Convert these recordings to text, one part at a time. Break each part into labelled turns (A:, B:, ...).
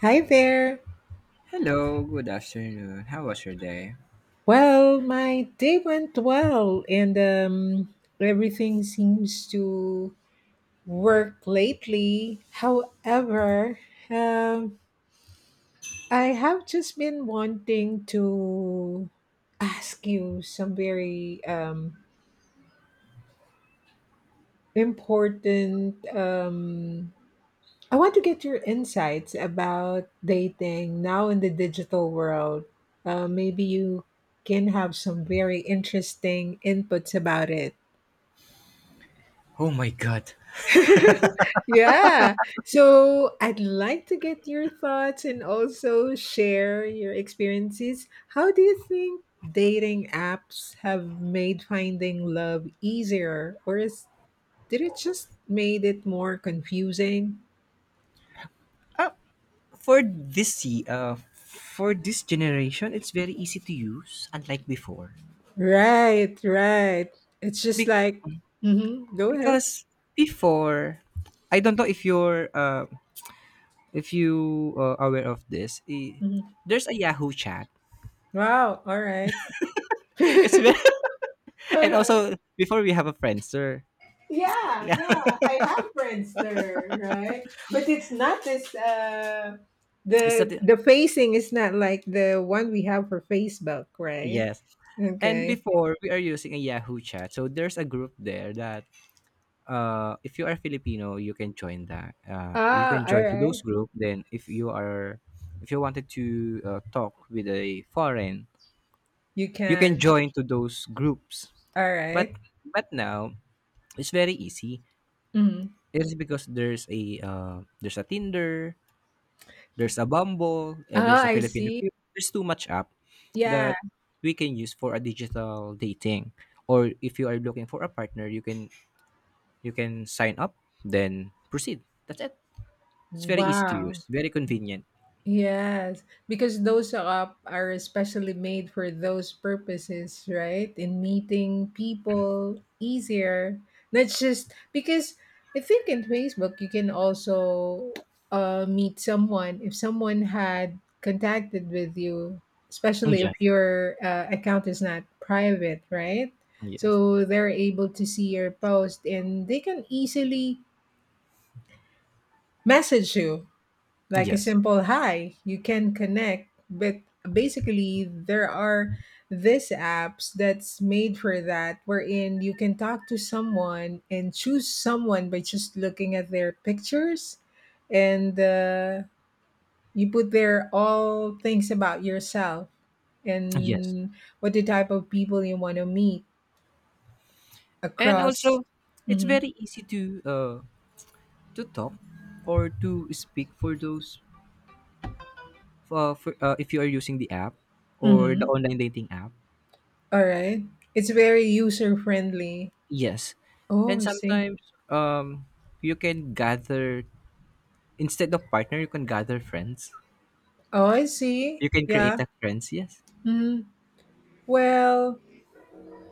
A: Hi there.
B: Hello, good afternoon. How was your day?
A: Well, my day went well, and everything seems to work lately. However, um, I have just been wanting to ask you some very important I want to get your insights about dating now in the digital world. Maybe you can have some very interesting inputs about it.
B: Oh my god.
A: yeah. So I'd like to get your thoughts and also share your experiences. How do you think dating apps have made finding love easier, or is did it just made it more confusing?
B: For this ye- for this generation, it's very easy to use unlike before.
A: Right, right. It's just
B: Be-
A: like, mhm, go ahead.
B: because before, I don't know if you're if you aware of this.
A: Mhm.
B: There's a Yahoo chat.
A: Wow, all right.
B: It's very and
A: Alright.
B: also before we have a friendster.
A: Yeah, yeah. I have Friendster, right? But it's not this uh
B: Is that
A: The
B: it?
A: the facing is not like the one we have for Facebook, right?
B: Yes. And
A: Okay.
B: before we are using a Yahoo chat, so there's a group there that if you are Filipino, you can join that. You
A: Ah,
B: can
A: all
B: join to
A: right.
B: those group. Then, if you are, if you wanted to talk with a foreign,
A: You
B: you can
A: can.
B: join to those groups.
A: All
B: But
A: right.
B: but now it's very easy.
A: Mhm.
B: It is because there's a Tinder, there's a Bumble,
A: Oh,
B: there's a
A: I
B: Filipino
A: see.
B: Cube. There's too much app
A: Yeah.
B: that we can use for a digital dating. Or if you are looking for a partner, you can sign up, then proceed. That's it. It's very easy to
A: Wow.
B: use, very convenient.
A: Yes, because those app are especially made for those purposes, right? In meeting people easier. That's just because I think in Facebook you can also meet someone if someone had contacted with you, especially
B: Yes.
A: if your account is not private, right?
B: Yes.
A: So they're able to see your post and they can easily message you like a
B: Yes.
A: simple hi you can connect, but basically there are these apps that's made for that, wherein you can talk to someone and choose someone by just looking at their pictures and you put there all things about yourself
B: Yes.
A: and what the type of people you want to meet
B: And
A: across.
B: also it's
A: Hmm.
B: very easy uh to talk or to speak for those if you are using the app or the
A: Mm-hmm.
B: online dating app.
A: All right. It's very user friendly.
B: Yes.
A: Oh,
B: And
A: I see.
B: sometimes, um you can gather, instead of partner you can gather friends,
A: Oh, I see,
B: you can
A: yeah.
B: create a friends. Yes.
A: Mm, well,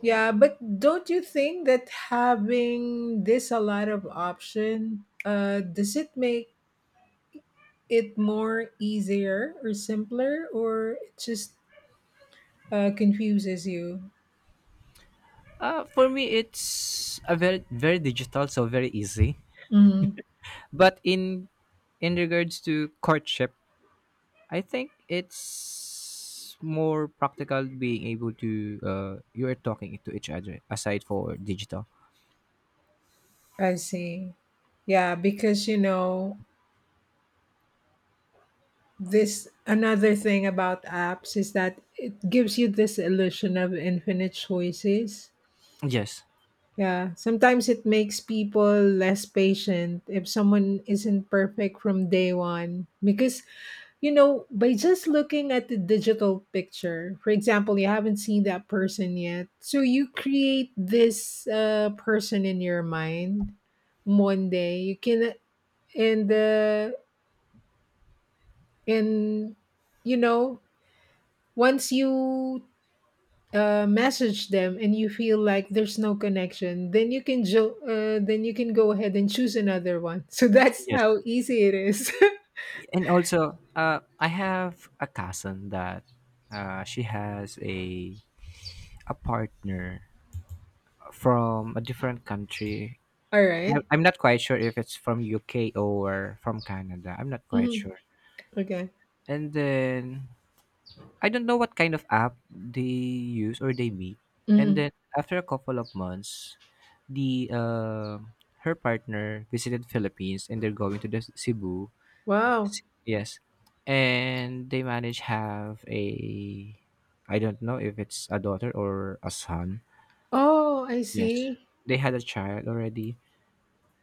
A: yeah, but don't you think that having this a lot of option, does it make it more easier or simpler, or it just confuses you?
B: Uh, for me it's a very digital, so very easy.
A: Mm,
B: But in regards to courtship, I think it's more practical being able to you are talking to each other aside for digital.
A: I see. Yeah, because you know, this another thing about apps is that it gives you this illusion of infinite choices.
B: Yes,
A: Yeah, sometimes it makes people less patient if someone isn't perfect from day one. Because, you know, by just looking at the digital picture, for example, you haven't seen that person yet. So you create this person in your mind one day. You can, and, uh, and, you know, once you message them and you feel like there's no connection, then you can then you can go ahead and choose another one. So that's
B: yes,
A: how easy it is.
B: and also, I have a cousin that she has a partner from a different country.
A: All right.
B: I'm not quite sure if it's from UK or from Canada. I'm not quite
A: Mhm.
B: sure.
A: Okay.
B: And then I don't know what kind of app they use or they meet. And
A: Mhm.
B: then after a couple of months, the her partner visited Philippines and they're going to Cebu.
A: Wow.
B: Yes. And they manage have a, I don't know if it's a daughter or a son.
A: Oh, I
B: Yes.
A: see.
B: They had a child already.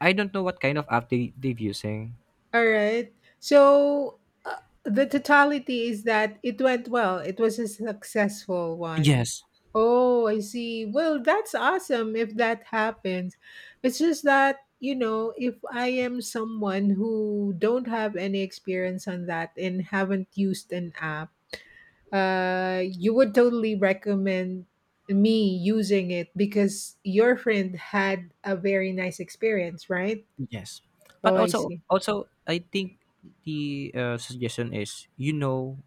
B: I don't know what kind of app they've using.
A: All right. So uh, the totality is that it went well. It was a successful one.
B: Yes.
A: Oh, I see. Well, that's awesome if that happens. It's just that, you know, if I am someone who don't have any experience on that and haven't used an app, you would totally recommend me using it because your friend had a very nice experience, right?
B: Yes.
A: Oh,
B: But
A: I
B: also
A: see.
B: also I think the, suggestion is, you know,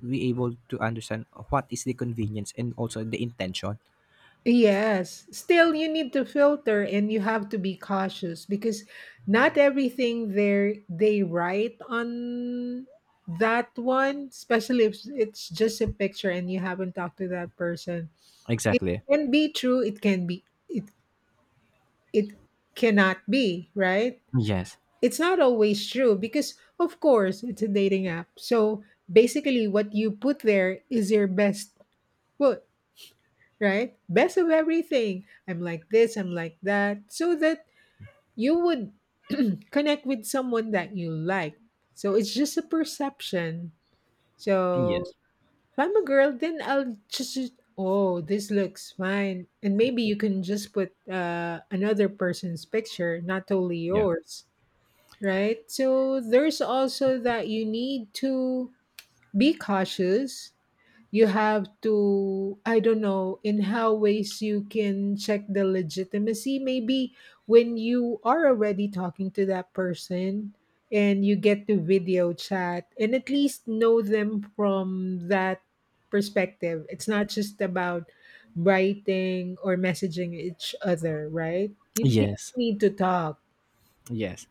B: we able to understand what is the convenience and also the intention.
A: Yes. Still, you need to filter and you have to be cautious because not everything there they write on that one, especially if it's just a picture and you haven't talked to that person. It
B: Exactly.
A: can be true, it can be it it cannot be, right?
B: Yes.
A: It's not always true because of course it's a dating app. So basically what you put there is your best foot, right? Best of everything. I'm like this, I'm like that. So that you would connect with someone that you like. So it's just a perception. So
B: Yes.
A: if I'm a girl, then I'll just oh, this looks fine. And maybe you can just put another person's picture, not only
B: Yeah.
A: yours, right? So there's also that you need to be cautious. You have to, I don't know in how ways you can check the legitimacy, maybe when you are already talking to that person and you get to video chat and at least know them from that perspective. It's not just about writing or messaging each other, right? You really
B: Yes.
A: need to talk.
B: Yes.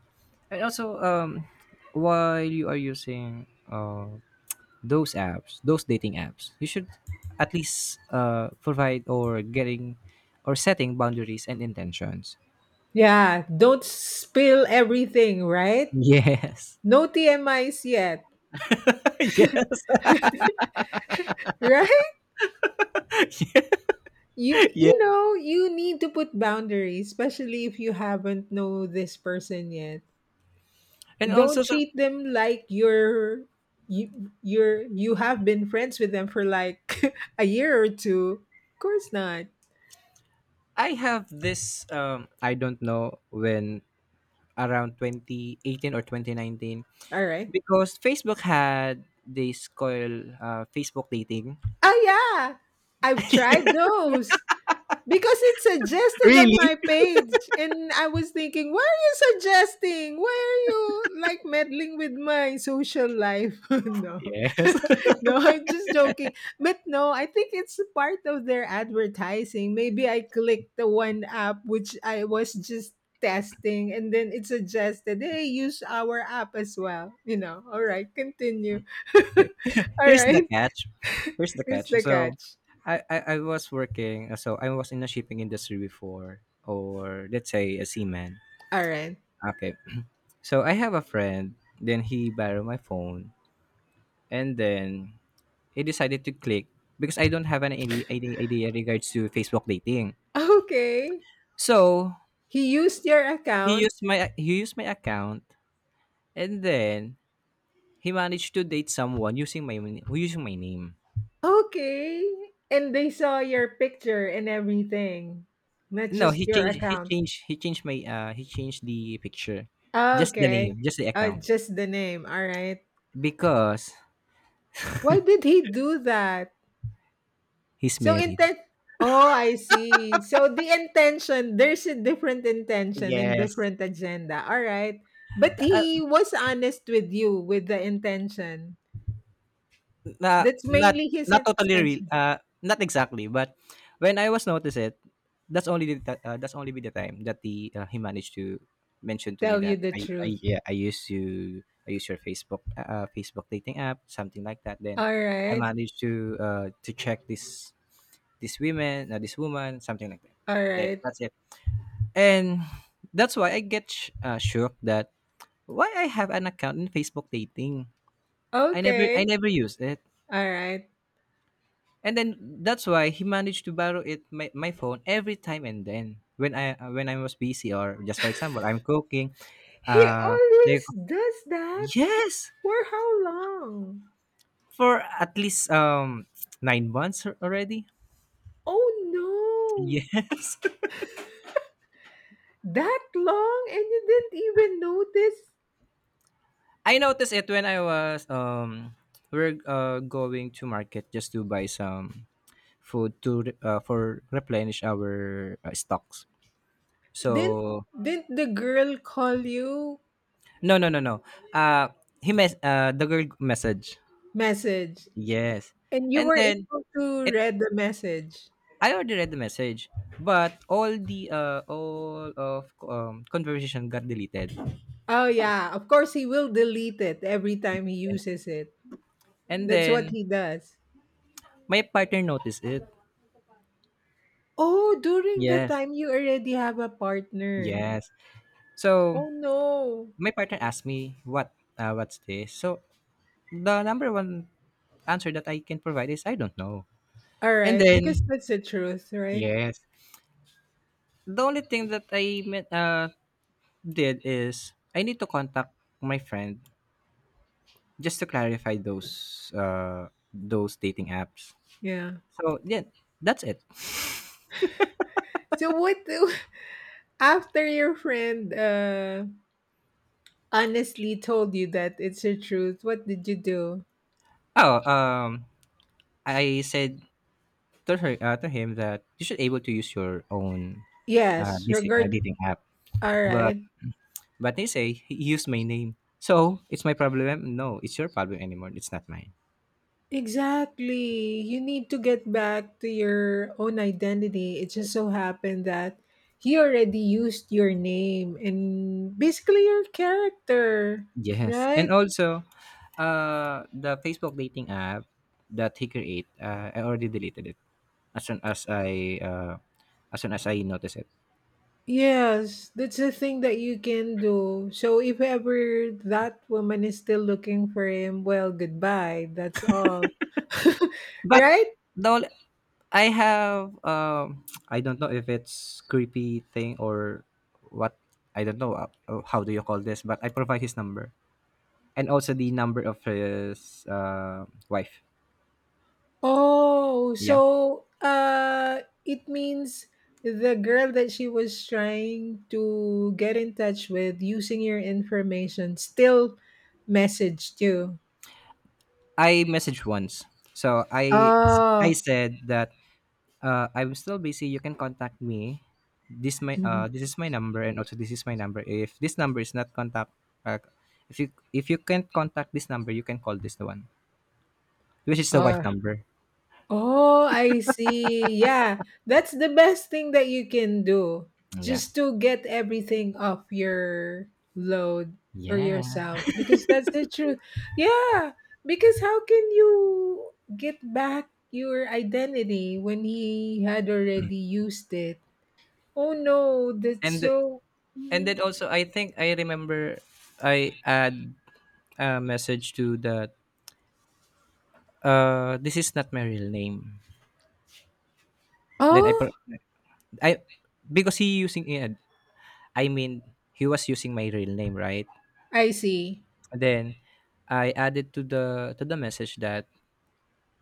B: And also, while you are using, uh those apps, those dating apps, you should at least uh, provide or getting or setting boundaries and intentions.
A: Yeah, don't spill everything, right?
B: Yes.
A: No TMIs yet.
B: Yes.
A: Right. You
B: Yeah.
A: you know, you need to put boundaries, especially if you haven't know this person yet.
B: And
A: Don't
B: also some,
A: treat them like you're you have been friends with them for like a year or two. Of course not.
B: I have this, I don't know when, around 2018 or 2019,
A: All right.
B: because Facebook had this called, Facebook dating.
A: Oh yeah. I've tried those. Because it suggested on my
B: Really?
A: page. And I was thinking, why are you suggesting? Why are you like meddling with my social life? No.
B: Yes.
A: No, I'm just joking. But no, I think it's a part of their advertising. Maybe I clicked the one app which I was just testing and then it suggested, hey, use our app as well. You know, all right, continue. All
B: Here's the
A: right,
B: catch. Here's the
A: here's
B: catch.
A: the
B: So
A: catch.
B: I was working, so I was in the shipping industry before, or let's say a seaman.
A: All right.
B: Okay. So I have a friend, then he borrowed my phone, and then he decided to click because I don't have an any idea regards to Facebook dating.
A: Okay.
B: So
A: He used your account?
B: He used my account, and then he managed to date someone using using my name.
A: Okay. And they saw your picture and everything, not
B: No,
A: just your account.
B: he changed my he changed the picture, just the name,
A: Okay.
B: just the account,
A: Just the name. All right.
B: because
A: Why did he do that?
B: he's
A: So
B: married.
A: intent. Oh, I see. So the intention, there's a different intention and
B: Yes.
A: different agenda. All right. But he was honest with you with the intention.
B: Na
A: That's
B: Not
A: mainly his
B: not totally real,
A: intention.
B: not exactly, but when I was noticed it, that's only the ti that's only be the time that he managed to mention to
A: Tell
B: me
A: you
B: that
A: the
B: I
A: truth.
B: yeah, I use your Facebook, Facebook dating app, something like that. Then
A: All
B: I
A: right.
B: managed to check this women, this woman, something like that.
A: All
B: Then
A: right.
B: that's it. And that's why I get shook that why I have an account in Facebook dating.
A: Okay.
B: I never use it.
A: All right.
B: And then that's why he managed to borrow it my phone every time, and then when I was busy or just for example I'm cooking,
A: He
B: uh, they
A: always does that.
B: yes
A: For how long?
B: for at least, 9 months already.
A: Oh no.
B: Yes.
A: That long and you didn't even notice?
B: I noticed it when I was, we're, going to market just to buy some food to for replenish our, stocks.
A: Didn't
B: So
A: didn't the girl call you
B: no, no, no, no. Uh, he mess the girl message.
A: message
B: Yes.
A: and you
B: And
A: were
B: then
A: able to
B: it
A: read the message?
B: I already read the message, but all the all of conversation got deleted.
A: Oh yeah, of course he will delete it every time he uses it.
B: And
A: That's what
B: then
A: he does.
B: my partner noticed it.
A: Oh, during the
B: Yes.
A: time you already have a partner.
B: Yes. So
A: Oh no.
B: my partner asked me what, what's this? So the number one answer that I can provide is I don't know.
A: All
B: And
A: right, because
B: then
A: that's the truth, right?
B: yes, the only thing that I did is I need to contact my friend just to clarify those dating apps.
A: Yeah.
B: So yeah, that's it.
A: So what do after your friend honestly told you that it's the truth, what did you do?
B: Oh, I said to her to him that you should able to use your own, uh,
A: Yes,
B: dis- uh
A: regard
B: dating app.
A: all
B: But
A: right.
B: but they say he used my name. So it's my problem. No, it's your problem anymore. It's not mine.
A: Exactly. You need to get back to your own identity. It just so happened that he already used your name and basically your character,
B: Yes.
A: right?
B: And also, uh, the Facebook dating app that he create, I already deleted it as soon as I as soon as I noticed it.
A: Yes, that's a thing that you can do. So if ever that woman is still looking for him, well, goodbye. That's all.
B: But
A: Right?
B: the only, I have, I don't know if it's creepy thing or what. I don't know how do you call this, but I provide his number and also the number of his, wife.
A: Oh,
B: Yeah,
A: so it means the girl that she was trying to get in touch with using your information still messaged you.
B: I messaged once, so I
A: Oh.
B: said that, I'm still busy. You can contact me. This my
A: Mhm.
B: this is my number, and also this is my number. If this number is not contact, uh, if you can't contact this number, you can call this one, which is the wife
A: Oh.
B: number.
A: Oh, I see. Yeah, that's the best thing that you can do
B: Yeah.
A: just to get everything off your load or
B: Yeah.
A: yourself because that's the truth. Yeah, because how can you get back your identity when he had already used it? Oh no, that's
B: and
A: so.
B: and
A: Mhm.
B: then also I think I remember I add a message to that, this is not my real name. Then I
A: Oh,
B: per- I Because he using it, I mean he was using my real name, right?
A: I see.
B: And then I added to the message that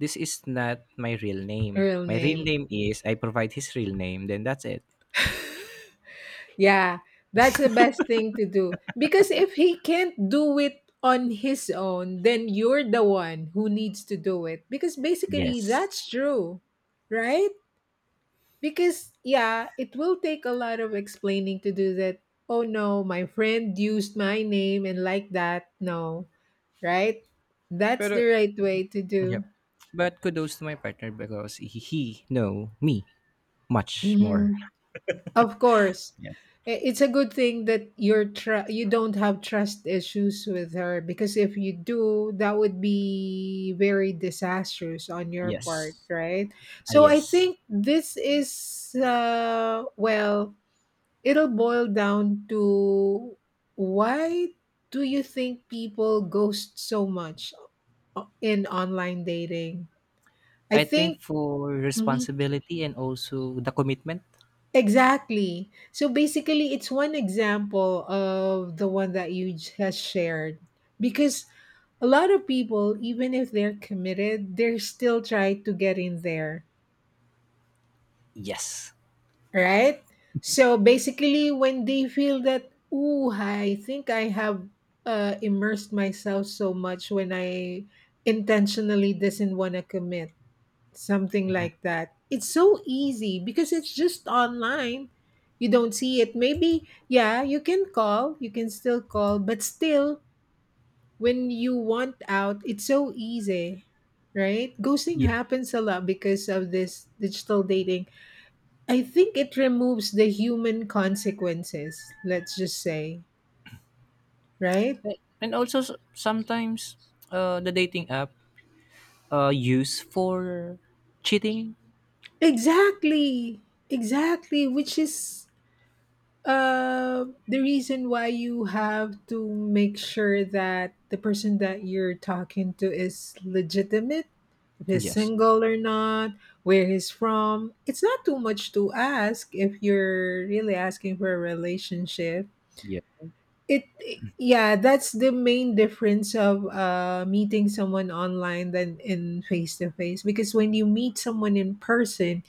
B: this is not my real name,
A: Real
B: my real
A: name.
B: name is, I provide his real name, then that's it.
A: Yeah, that's the best thing to do. Because if he can't do it on his own, then you're the one who needs to do it. Because basically,
B: Yes.
A: that's true, right? Because, yeah, it will take a lot of explaining to do that. Oh no, my friend used my name and like that. No, right? That's the
B: pero
A: right way to do.
B: Yep, but kudos to my partner, because he know me much more.
A: Of course.
B: Yes.
A: I- It's a good thing that you don't have trust issues with her because if you do, that would be very disastrous on your part,
B: Yes.
A: right?
B: Ah,
A: So I
B: yes.
A: think this is well, it'll boil down to why do you think people ghost so much o- in online dating? I
B: I think
A: think
B: for responsibility and also the commitment.
A: exactly. So basically, it's one example of the one that you just shared. Because a lot of people, even if they're committed, they're still trying to get in there,
B: Yes.
A: right? So basically, when they feel that, ooh, I think I have immersed myself so much when I intentionally doesn't want to commit. Something
B: Mhm.
A: like that. It's so easy because it's just online. You don't see it. Maybe, yeah, you can call, you can still call, but still, when you want out, it's so easy, right? Ghosting
B: Yes.
A: happens a lot because of this digital dating. I think it removes the human consequences, let's just say, right?
B: And also sometimes, the dating app, used for cheating.
A: Exactly. Exactly, which is uh, the reason why you have to make sure that the person that you're talking to is legitimate, if he's
B: Yes.
A: single or not, where he's from. It's not too much to ask if you're really asking for a relationship.
B: Yeah.
A: It yeah, that's the main difference of meeting someone online than in face to face, because when you meet someone in person,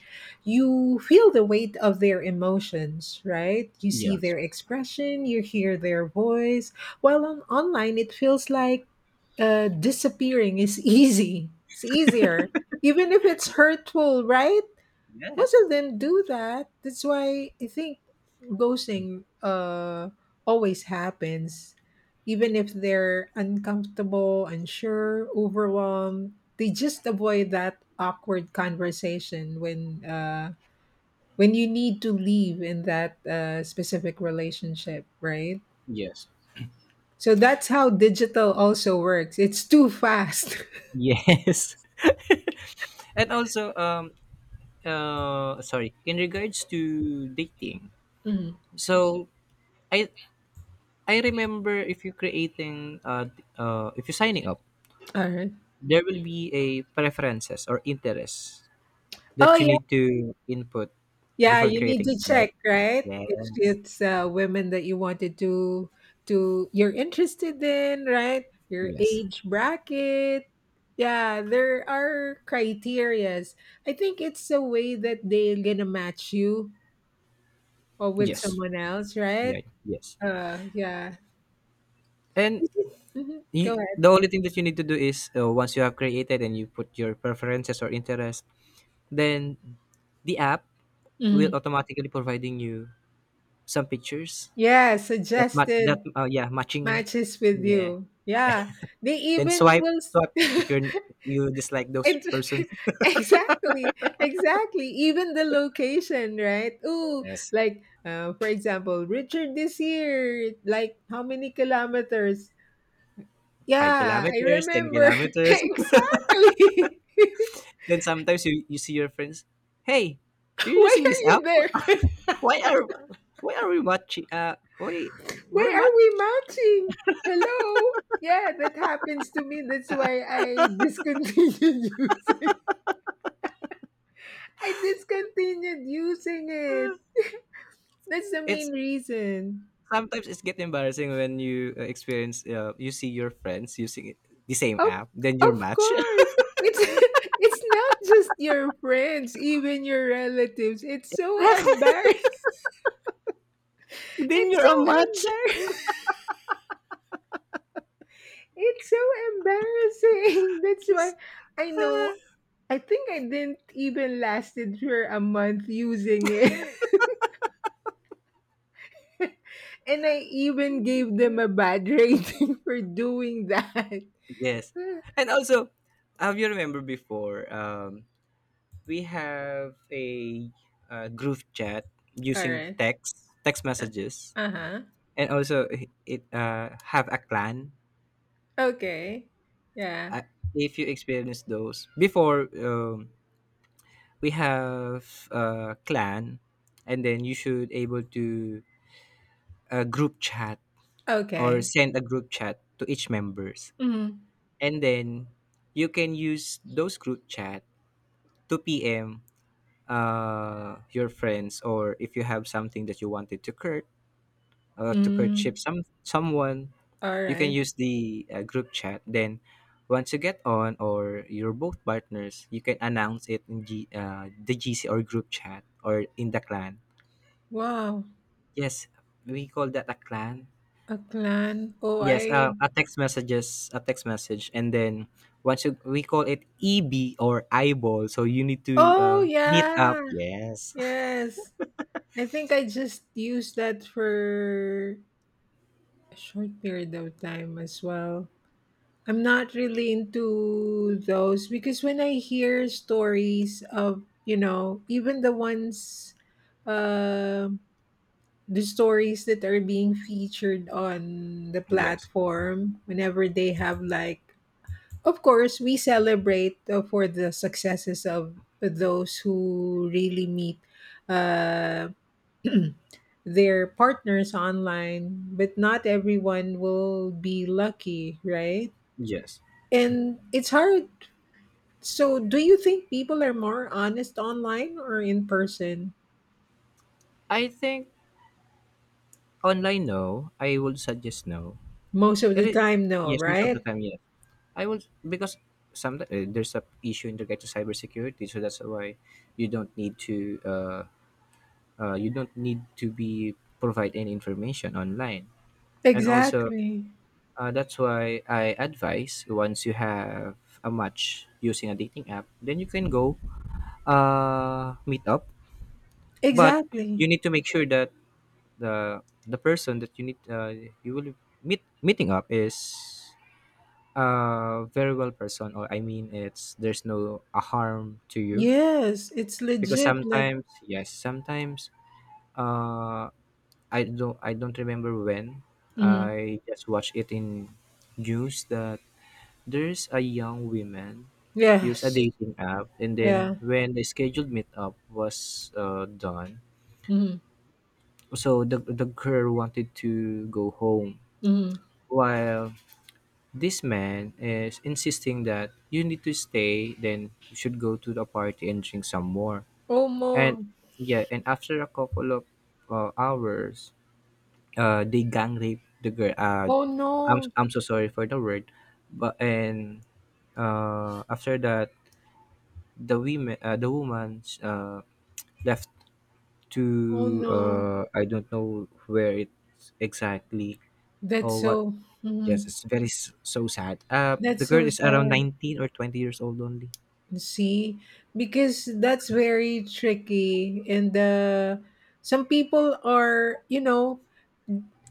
A: you feel the weight of their emotions, right? You see
B: Yes.
A: their expression, you hear their voice, while on online it feels like disappearing is easy, it's easier, even if it's hurtful, right?
B: Yeah.
A: Most of them do that. That's why I think ghosting always happens. Even if they're uncomfortable, unsure, overwhelmed, they just avoid that awkward conversation when you need to leave in that specific relationship, right?
B: Yes.
A: So that's how digital also works. It's too fast.
B: Yes. And also, sorry, in regards to dating.
A: Mhm.
B: So I I remember if you're creating, if you're signing up,
A: All right.
B: there will be a preferences or interests
A: Oh
B: that you need to input
A: yeah,
B: before
A: you need
B: creating
A: to
B: it, right?
A: check, right? If
B: Yes.
A: it's women that you wanted to you're interested in, right? Your
B: Yes.
A: age bracket. Yeah, there are criterias. I think it's a way that they're gonna match you or with
B: Yes.
A: someone else, right?
B: Yeah. Yes.
A: Yeah.
B: And
A: Mhm. Go
B: you,
A: ahead.
B: the only thing that you need to do is, once you have created and you put your preferences or interest, then the app will
A: Mhm.
B: automatically providing you some pictures
A: Yeah,
B: that
A: suggested
B: yeah matching.
A: matches with
B: Yeah.
A: you.
B: Yeah.
A: Yeah, they
B: Then
A: even
B: swipe,
A: will.
B: swipe if you're, you dislike those
A: It,
B: persons.
A: exactly, exactly. Even the location, right? Ooh,
B: Yes,
A: like for example, Richard this year, like how many kilometers?
B: five
A: Yeah, I
B: kilometers, 10
A: remember
B: kilometers.
A: exactly.
B: Then sometimes you see your friends, hey, you're
A: Why
B: using this
A: are you
B: app?
A: there?
B: Why are why are we matching? Why
A: Why
B: we're much.
A: are we matching? Hello? Yeah, that happens to me. That's why I discontinued using. I discontinued using it.
B: Uh,
A: That's the main
B: It's
A: reason.
B: sometimes it's get embarrassing when you, experience, you see your friends using the same
A: Of
B: app, then you're
A: of
B: match.
A: course. It's it's not just your friends, even your relatives. It's so embarrassing.
B: Then
A: It's
B: you're a
A: so
B: match.
A: embarrassing. It's so embarrassing. That's why I know I think I didn't even lasted for a month using it. And I even gave them a bad rating for doing that.
B: Yes, and also, have you remember before? We have a, uh, group chat
A: All
B: using
A: right.
B: text, text messages,
A: Uh-huh.
B: and also it, have a clan,
A: Okay. Yeah.
B: uh, if you experience those before, we have a clan, and then you should able to, group chat or
A: Okay.
B: send a group chat to each members,
A: Mm-hmm.
B: and then you can use those group chat to pm, your friends, or if you have something that you wanted to to courtship
A: Mm-hmm.
B: some someone,
A: All
B: you can
A: right.
B: use the, group chat. Then once you get on, or you're both partners, you can announce it in the gc, or group chat, or in the clan.
A: Wow.
B: Yes, we call that a clan.
A: A clan. Oh,
B: Yes,
A: I.
B: a text messages, a text message, and then once you, we call it eb, or eyeball, so you need to,
A: Oh,
B: meet up.
A: yeah.
B: Yes.
A: Yes. I think I just used that for a short period of time as well. I'm not really into those because when I hear stories of, even the ones, uh, the stories that are being featured on the
B: Yes.
A: platform, whenever they have like Of course, we celebrate for the successes of those who really meet uh, their partners online, but not everyone will be lucky, right?
B: Yes.
A: And it's hard. So, do you think people are more honest online or in person?
B: I think online, no, I would suggest no.
A: Most of
B: It
A: the
B: is.
A: time, no,
B: Yes, most of the
A: right?
B: time yes. I will, because sometimes, there's a issue in regard to cybersecurity, so that's why you don't need to you don't need to be provide any information online, and also,
A: Exactly.
B: that's why I advise once you have a match using a dating app, then you can go, meet up, but
A: Exactly.
B: you need to make sure that the the person that you need you will meeting up is, uh, very well person, or I mean it's there's no a harm to you,
A: Yes, it's
B: because
A: legit. Like,
B: sometimes, yes, sometimes, uh, I don't remember when,
A: mhm.
B: I just watched it in news that there's a young woman Use a
A: Yes.
B: dating app, and then
A: Yeah.
B: when the scheduled meetup was done,
A: Mm-hmm.
B: so the girl wanted to go home
A: Mm-hmm.
B: while this man is insisting that you need to stay, then you should go to the party and drink some more.
A: Oh more.
B: And yeah, and after a couple of hours, they gang rape the girl.
A: Oh
B: I'm
A: no.
B: I'm so sorry for the word, but and after that, the women, the woman, left
A: Oh
B: to
A: no.
B: I don't know where it exactly
A: That's
B: or what.
A: so
B: Yes,
A: mhm.
B: it's very so sad.
A: that's
B: The girl
A: so
B: is around
A: sad.
B: 19 or 20 years old only.
A: See? Because that's very tricky and some people are, you know,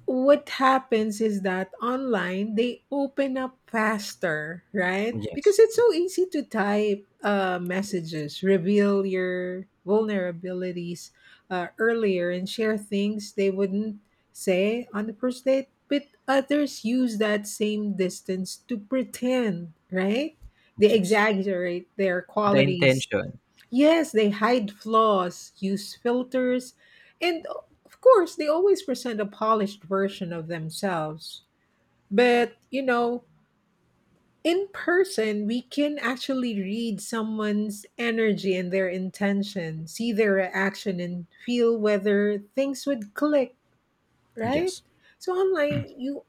A: what happens is that online they open up faster, right,
B: Yes,
A: because it's so easy to type messages, reveal your vulnerabilities earlier and share things they wouldn't say on the first date, but others use that same distance to pretend, right, they
B: yes.
A: exaggerate their
B: The
A: qualities.
B: intention.
A: Yes, they hide flaws, use filters, and of course, they always present a polished version of themselves.
B: Yeah,
A: But, you know, in person, we can actually read someone's energy and their intention, see their reaction, and feel whether things would click, right?
B: yes,
A: So online, you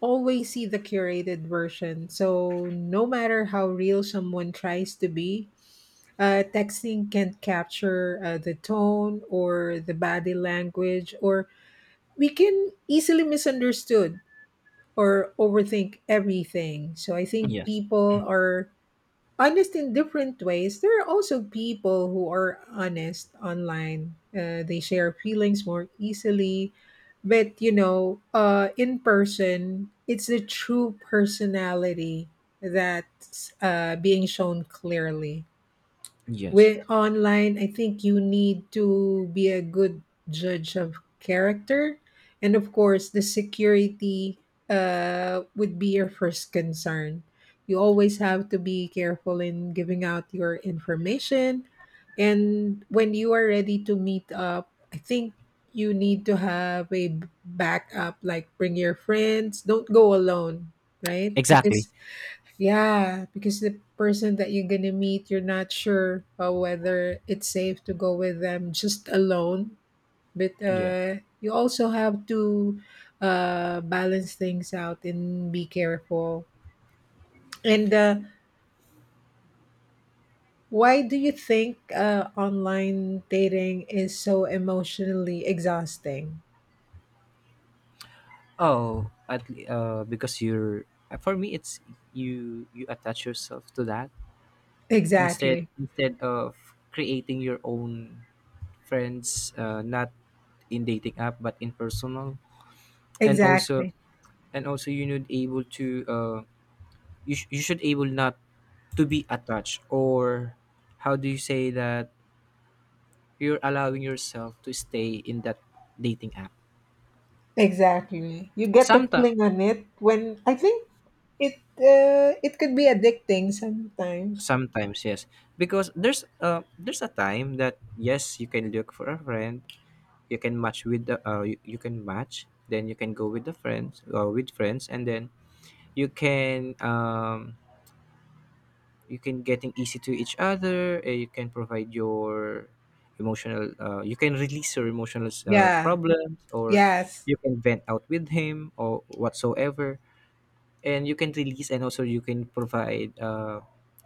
A: always see the curated version. So, no matter how real someone tries to be, texting can capture the tone or the body language, or we can easily misunderstood or overthink everything. So I think
B: yes,
A: people are honest in different ways. There are also people who are honest online. They share feelings more easily, but you know, in person, it's the true personality that's being shown clearly.
B: yes.
A: With online, I think you need to be a good judge of character, and of course the security would be your first concern. You always have to be careful in giving out your information, and when you are ready to meet up, I think you need to have a backup, like bring your friends, don't go alone, right?
B: Exactly.
A: Because yeah, because the person that you're gonna meet, you're not sure whether it's safe to go with them just alone. But
B: Yeah.
A: you also have to balance things out and be careful. And why do you think online dating is so emotionally exhausting?
B: Oh, because you're for me, it's you, you attach yourself to that instead
A: Exactly.
B: instead of creating your own friends, not in dating app but in personal. And also,
A: Exactly.
B: and also you need able to, you you should able not to be attached, or how do you say that, you're allowing yourself to stay in that dating app.
A: Exactly. You get the
B: Sometimes,
A: cling on it when I think it could be addicting sometimes.
B: sometimes yes, because there's a time that, yes, you can look for a friend. You can match with the, you, you can match, then you can go with the friends or with friends, and then you can, you can getting easy to each other. Uh, you can provide your emotional, you can release your emotional,
A: Yeah,
B: problems, or
A: yes,
B: you can vent out with him or whatsoever, and you can release. And also you can provide,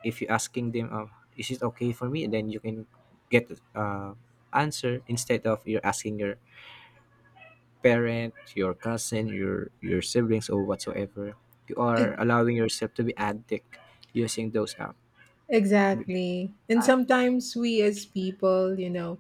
B: if you're asking them, is it okay for me, then you can get, answer instead of you're asking your parent, your cousin, your siblings, or whatsoever. You
A: e-
B: are allowing yourself to be addict using those apps.
A: exactly. And sometimes we as people, you know,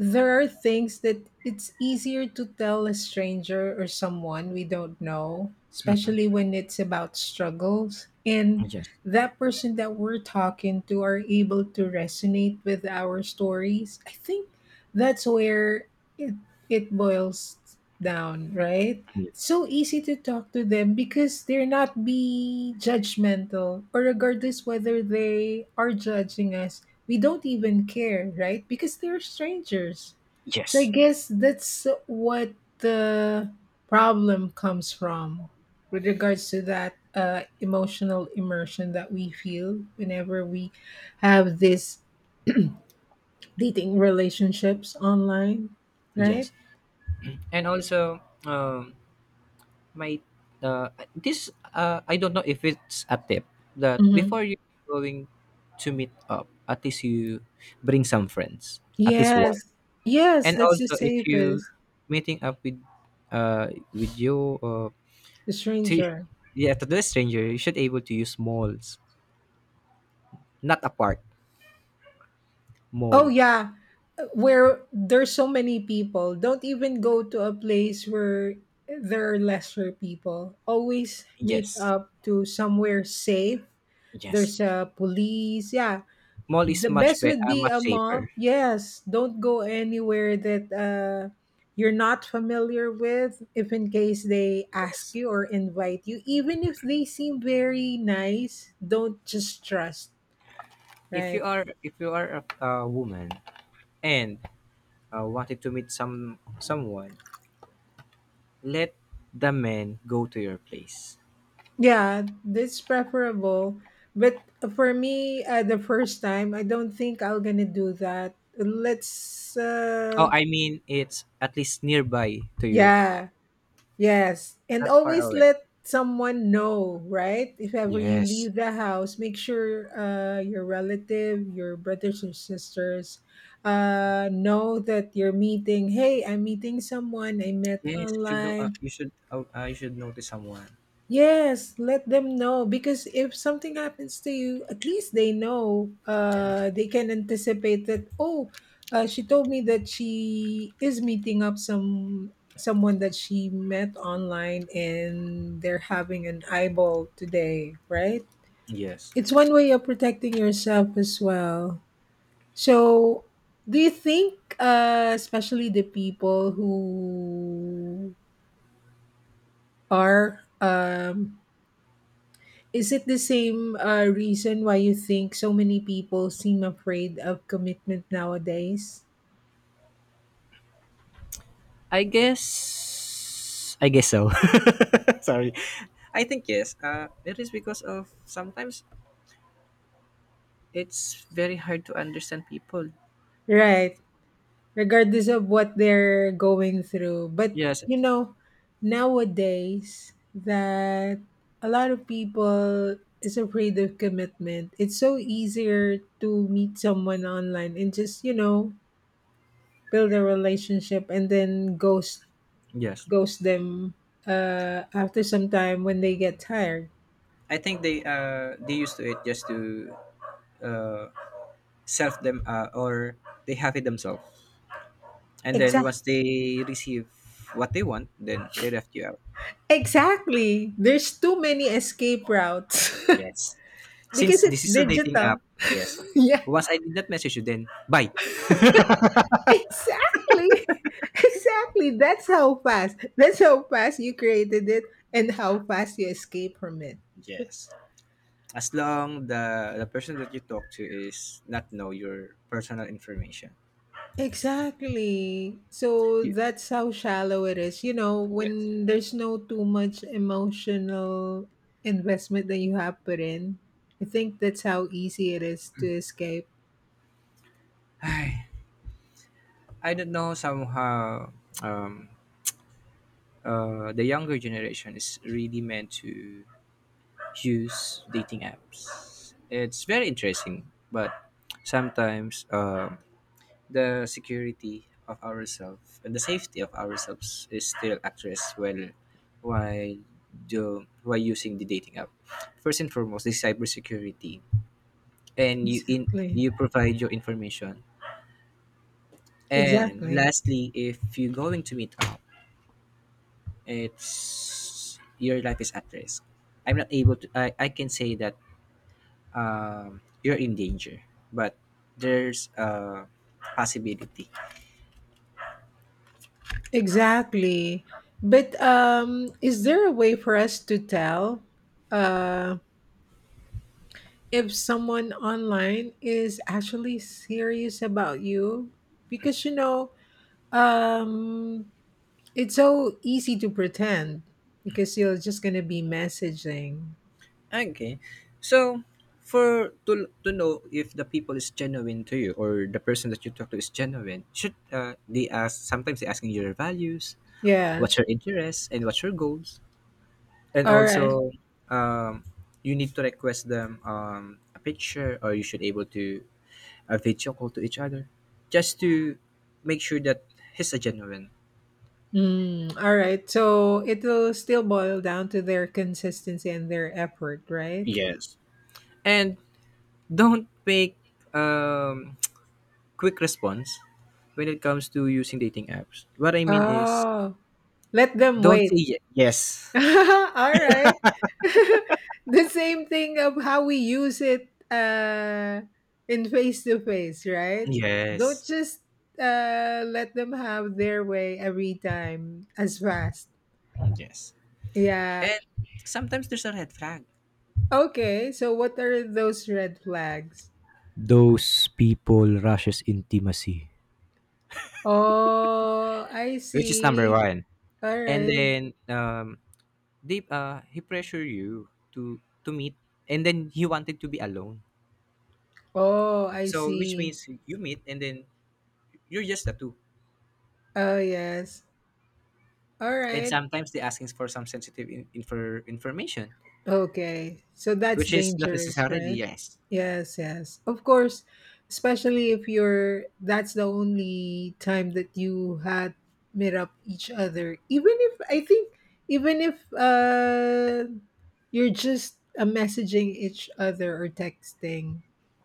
A: there are things that it's easier to tell a stranger or someone we don't know, especially when it's about struggles. And
B: Yes.
A: that person that we're talking to are able to resonate with our stories. I think that's where it, it boils down, right? It's
B: Yes.
A: so easy to talk to them because they're not be judgmental or regardless whether they are judging us, we don't even care, right? Because they're strangers. So I
B: Yes,
A: guess that's what the problem comes from with regards to that emotional immersion that we feel whenever we have these dating relationships online, right?
B: yes, and also, my this, I don't know if it's a tip that
A: Hmm.
B: before you going to meet up, at least you bring some friends, at least one.
A: Yes, yes,
B: And
A: that's the
B: also, if you
A: safest,
B: meeting up with you,
A: the
B: to
A: stranger.
B: yeah, to the stranger, you should able to use malls, not a park, mall.
A: Oh yeah, where there's so many people. Don't even go to a place where there are lesser people. Always meet
B: Yes,
A: up to somewhere safe.
B: yes,
A: There's a police. Yeah,
B: mall is
A: the
B: much
A: best would be
B: much
A: a
B: safer.
A: mall. Yes, don't go anywhere that you're not familiar with. If in case they ask
B: Yes,
A: you or invite you, even if they seem very nice, don't just trust.
B: if you
A: Right.
B: are, if you are a woman and, wanted to meet some someone, let the man go to your place.
A: Yeah, that's preferable. But for me, the first time, I don't think I'm gonna do that. Let's,
B: Oh, I mean it's at least nearby to you,
A: yeah, yes, and
B: not far
A: always
B: away.
A: let someone know, right? If ever you
B: Yes.
A: leave the house, make sure your relative, your brothers or sisters, know that you're meeting. Hey, I'm meeting someone I met
B: Yes, you should know.
A: online.
B: You should. You should notice someone.
A: Yes, let them know because if something happens to you, at least they know.
B: Yes.
A: They can anticipate that. Oh, she told me that she is meeting up someone that she met online, and they're having an eyeball today, right?
B: Yes.
A: It's one way of protecting yourself as well. So, do you think, especially the people who are is it the same reason why you think so many people seem afraid of commitment nowadays?
B: I guess. I guess so. Sorry. I think yes. It is because of sometimes it's very hard to understand people.
A: Right, regardless of what they're going through. But,
B: Yes.
A: you know, nowadays that a lot of people is afraid of commitment. It's so easier to meet someone online and just, you know, build a relationship and then ghost
B: Yes.
A: ghost them after some time when they get tired.
B: I think they, they used to it just to, uh self them, or they have it themselves, and then
A: Exactly.
B: once they receive what they want, then they left you out.
A: Exactly. There's too many escape routes
B: Yes, since
A: because it's
B: this is a dating app.
A: digital.
B: Yes,
A: Yeah.
B: once I did not message you, then bye.
A: Exactly. Exactly. That's how fast. That's how fast you created it and how fast you escape from it.
B: Yes, as long the person that you talk to is not know your personal information.
A: Exactly. So
B: You,
A: that's how shallow it is. You know,
B: yes.
A: when there's no too much emotional investment that you have put in, I think that's how easy it is to escape.
B: I, I don't know somehow, um, the younger generation is really meant to use dating apps. It's very interesting, but sometimes, the security of ourselves and the safety of ourselves is still at risk while, do while using the dating app. First and foremost is cybersecurity, and you, in,
A: Exactly.
B: you provide your information. And
A: Exactly.
B: lastly, if you're going to meet up, it's, your life is at risk. I'm not able to. I can say that, you're in danger, but there's a possibility.
A: Exactly. But is there a way for us to tell uh, if someone online is actually serious about you? Because, you know, um, it's so easy to pretend because you're just going to be messaging.
B: Okay, so for to know if the people is genuine to you, or the person that you talk to is genuine, should, they ask? Sometimes they asking your values, what's
A: Yes.
B: your interests, and what's your goals, and
A: All right.
B: also, um, you need to request them, a picture, or you should able to a video call to each other, just to make sure that he's a genuine.
A: Mm, all right. So it'll still boil down to their consistency and their effort, right?
B: Yes. And don't fake, um, quick response when it comes to using dating apps. What I mean is,
A: Oh, let them
B: don't
A: wait.
B: say yes.
A: All right. The same thing of how we use it in face to face, right? Don't
B: Yes.
A: just let them have their way every time as fast.
B: Yes.
A: Yeah.
B: And sometimes there's a red flag.
A: Okay. So, what are those red flags?
B: Those people rushes intimacy,
A: Oh, I
B: which is number
A: see.
B: one.
A: All
B: And
A: right.
B: then, they, he pressure you to meet, and then he wanted to be alone.
A: Oh, I
B: So which
A: see.
B: means you meet, and then you're just the two.
A: Oh, yes. All
B: And
A: right.
B: sometimes they asking for some sensitive, in, infor, information,
A: Okay, so that's
B: which is not
A: dangerous,
B: necessarily,
A: right?
B: yes.
A: Yes, yes. Of course, especially if you're that's the only time that you had met up each other. Even if I think even if you're just messaging each other or texting,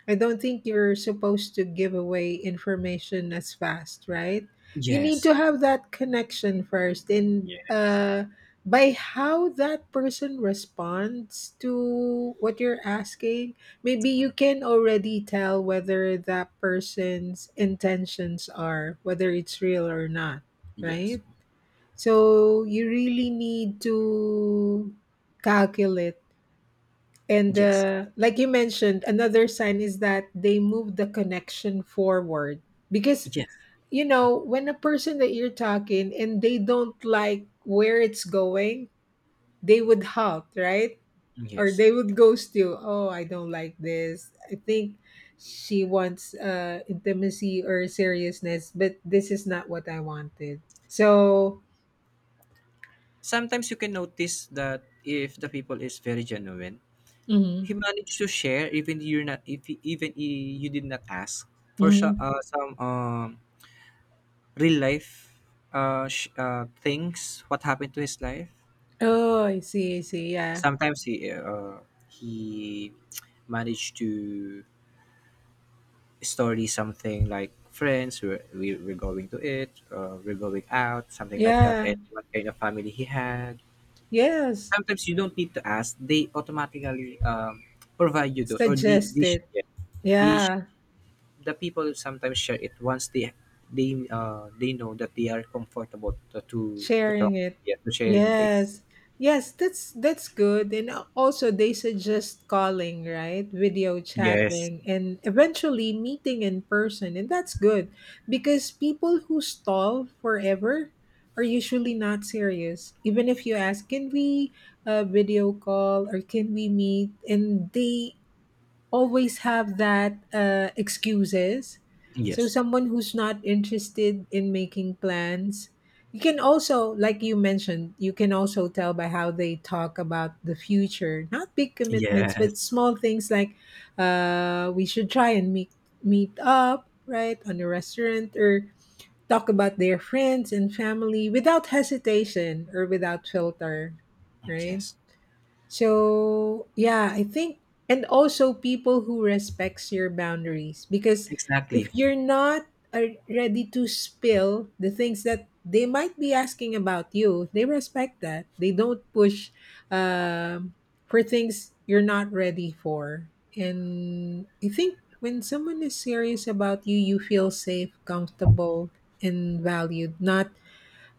A: I don't think you're supposed to give away information as fast, right? You need to
B: Yes.
A: have that connection first, and
B: Yes.
A: by how that person responds to what you're asking, maybe
B: Mm.
A: you can already tell whether that person's intentions are, whether it's real or not,
B: Yes.
A: right? So you really need to calculate. And
B: Yes.
A: like you mentioned, another sign is that they move the connection forward because
B: Yes.
A: you know when a person that you're talking and they don't like where it's going, they would hop, right? Or
B: Yes.
A: they would ghost you. Oh, I don't like this. I think she wants intimacy or seriousness, but this is not what I wanted. So,
B: Sometimes you can notice that if the people is very genuine,
A: mhm,
B: he managed to share even you're not, if even you did not ask for, so,
A: mhm.
B: some, real life, uh, things what happened to his life.
A: Oh, I see, I see. Yeah.
B: Sometimes he, he managed to story something like, friends we're, we, we're going to it, we're going out, something like that,
A: Yeah.
B: and what kind of family he had.
A: Yes.
B: Sometimes you don't need to ask, they automatically, provide you those, or the
A: Suggest
B: they,
A: it.
B: they sh-
A: Yeah.
B: the people sometimes share it once they, they know that they are comfortable to, to talk.
A: Sharing it.
B: Yeah, to sharing this.
A: Yes. Yes, that's good, and also they suggest calling, right, video
B: Yes.
A: chatting and eventually meeting in person, and that's good because people who stall forever are usually not serious even if you ask can we video call or can we meet and they always have that excuses. So
B: Yes.
A: someone who's not interested in making plans, you can also, like you mentioned, you can also tell by how they talk about the future. Not big commitments,
B: Yes.
A: but small things like we should try and meet up, right, on a restaurant or talk about their friends and family without hesitation or without filter, right?
B: Yes.
A: So, yeah, I think and also people who respects your boundaries because
B: Exactly.
A: if you're not ready to spill the things that they might be asking about you, they respect that. They don't push um, for things you're not ready for. And I think when someone is serious about you, you feel safe, comfortable, and valued, not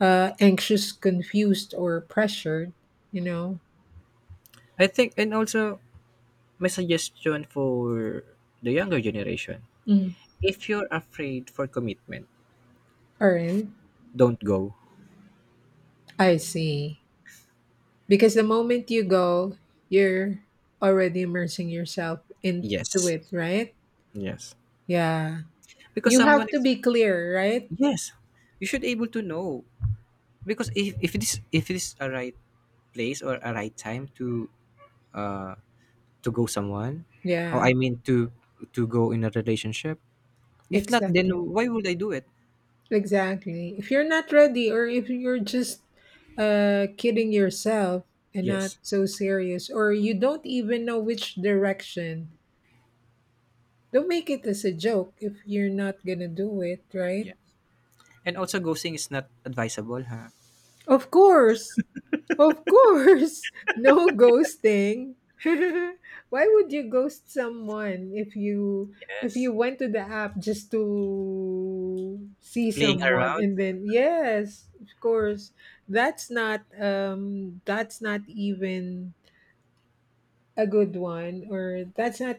A: anxious, confused, or pressured, you know?
B: I think, and also my suggestion for the younger generation, if you're afraid for commitment,
A: All right.
B: don't go.
A: I see. Because the moment you go, you're already immersing yourself into
B: Yes.
A: it, right?
B: Yes,
A: Yeah.
B: because
A: You
B: someone
A: have to
B: is,
A: be clear, right?
B: yes, you should able to know, because if it is, if it is a right place or a right time to, uh, to go someone, or
A: Yeah.
B: I mean to go in a relationship. If not, then
A: Exactly.
B: why would I do it?
A: Exactly. If you're not ready or if you're just kidding yourself and not
B: Yes.
A: so serious or you don't even know which direction, don't make it as a joke if you're not going to do it, right?
B: Yes, and also ghosting is not advisable, huh?
A: Of course. Of course, no ghosting. Why would you ghost someone if you
B: Yes,
A: went to the app just to see
B: playing
A: someone
B: around.
A: and then yes, of course, that's not even a good one or that's not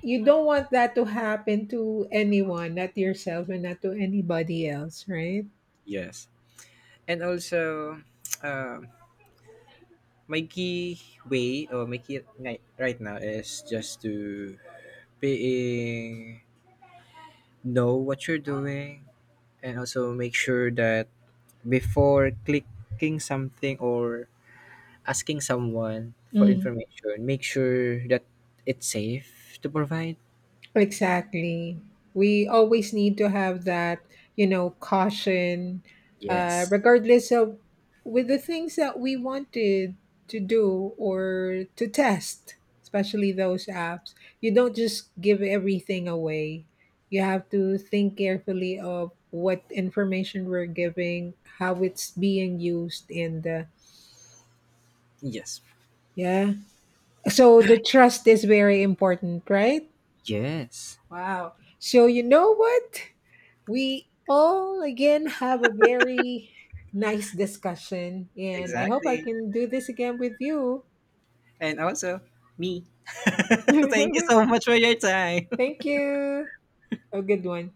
A: you don't want that to happen to anyone, not yourself and not to anybody else, right?
B: Yes, and also, uh, my key way, or my right now is just to being know what you're doing. And also make sure that before clicking something or asking someone for
A: Mm.
B: information, make sure that it's safe to provide.
A: Exactly. We always need to have that, you know, caution,
B: Yes.
A: regardless of with the things that we wanted to do or to test, especially those apps. You don't just give everything away. You have to think carefully of what information we're giving, how it's being used, and
B: Yes.
A: yeah. So the trust is very important, right?
B: Yes.
A: Wow. So you know what? We all again have a very nice discussion, and I hope I
B: Exactly.
A: can do this again with you.
B: And also me. Thank you so much for your time.
A: Thank you. A good one.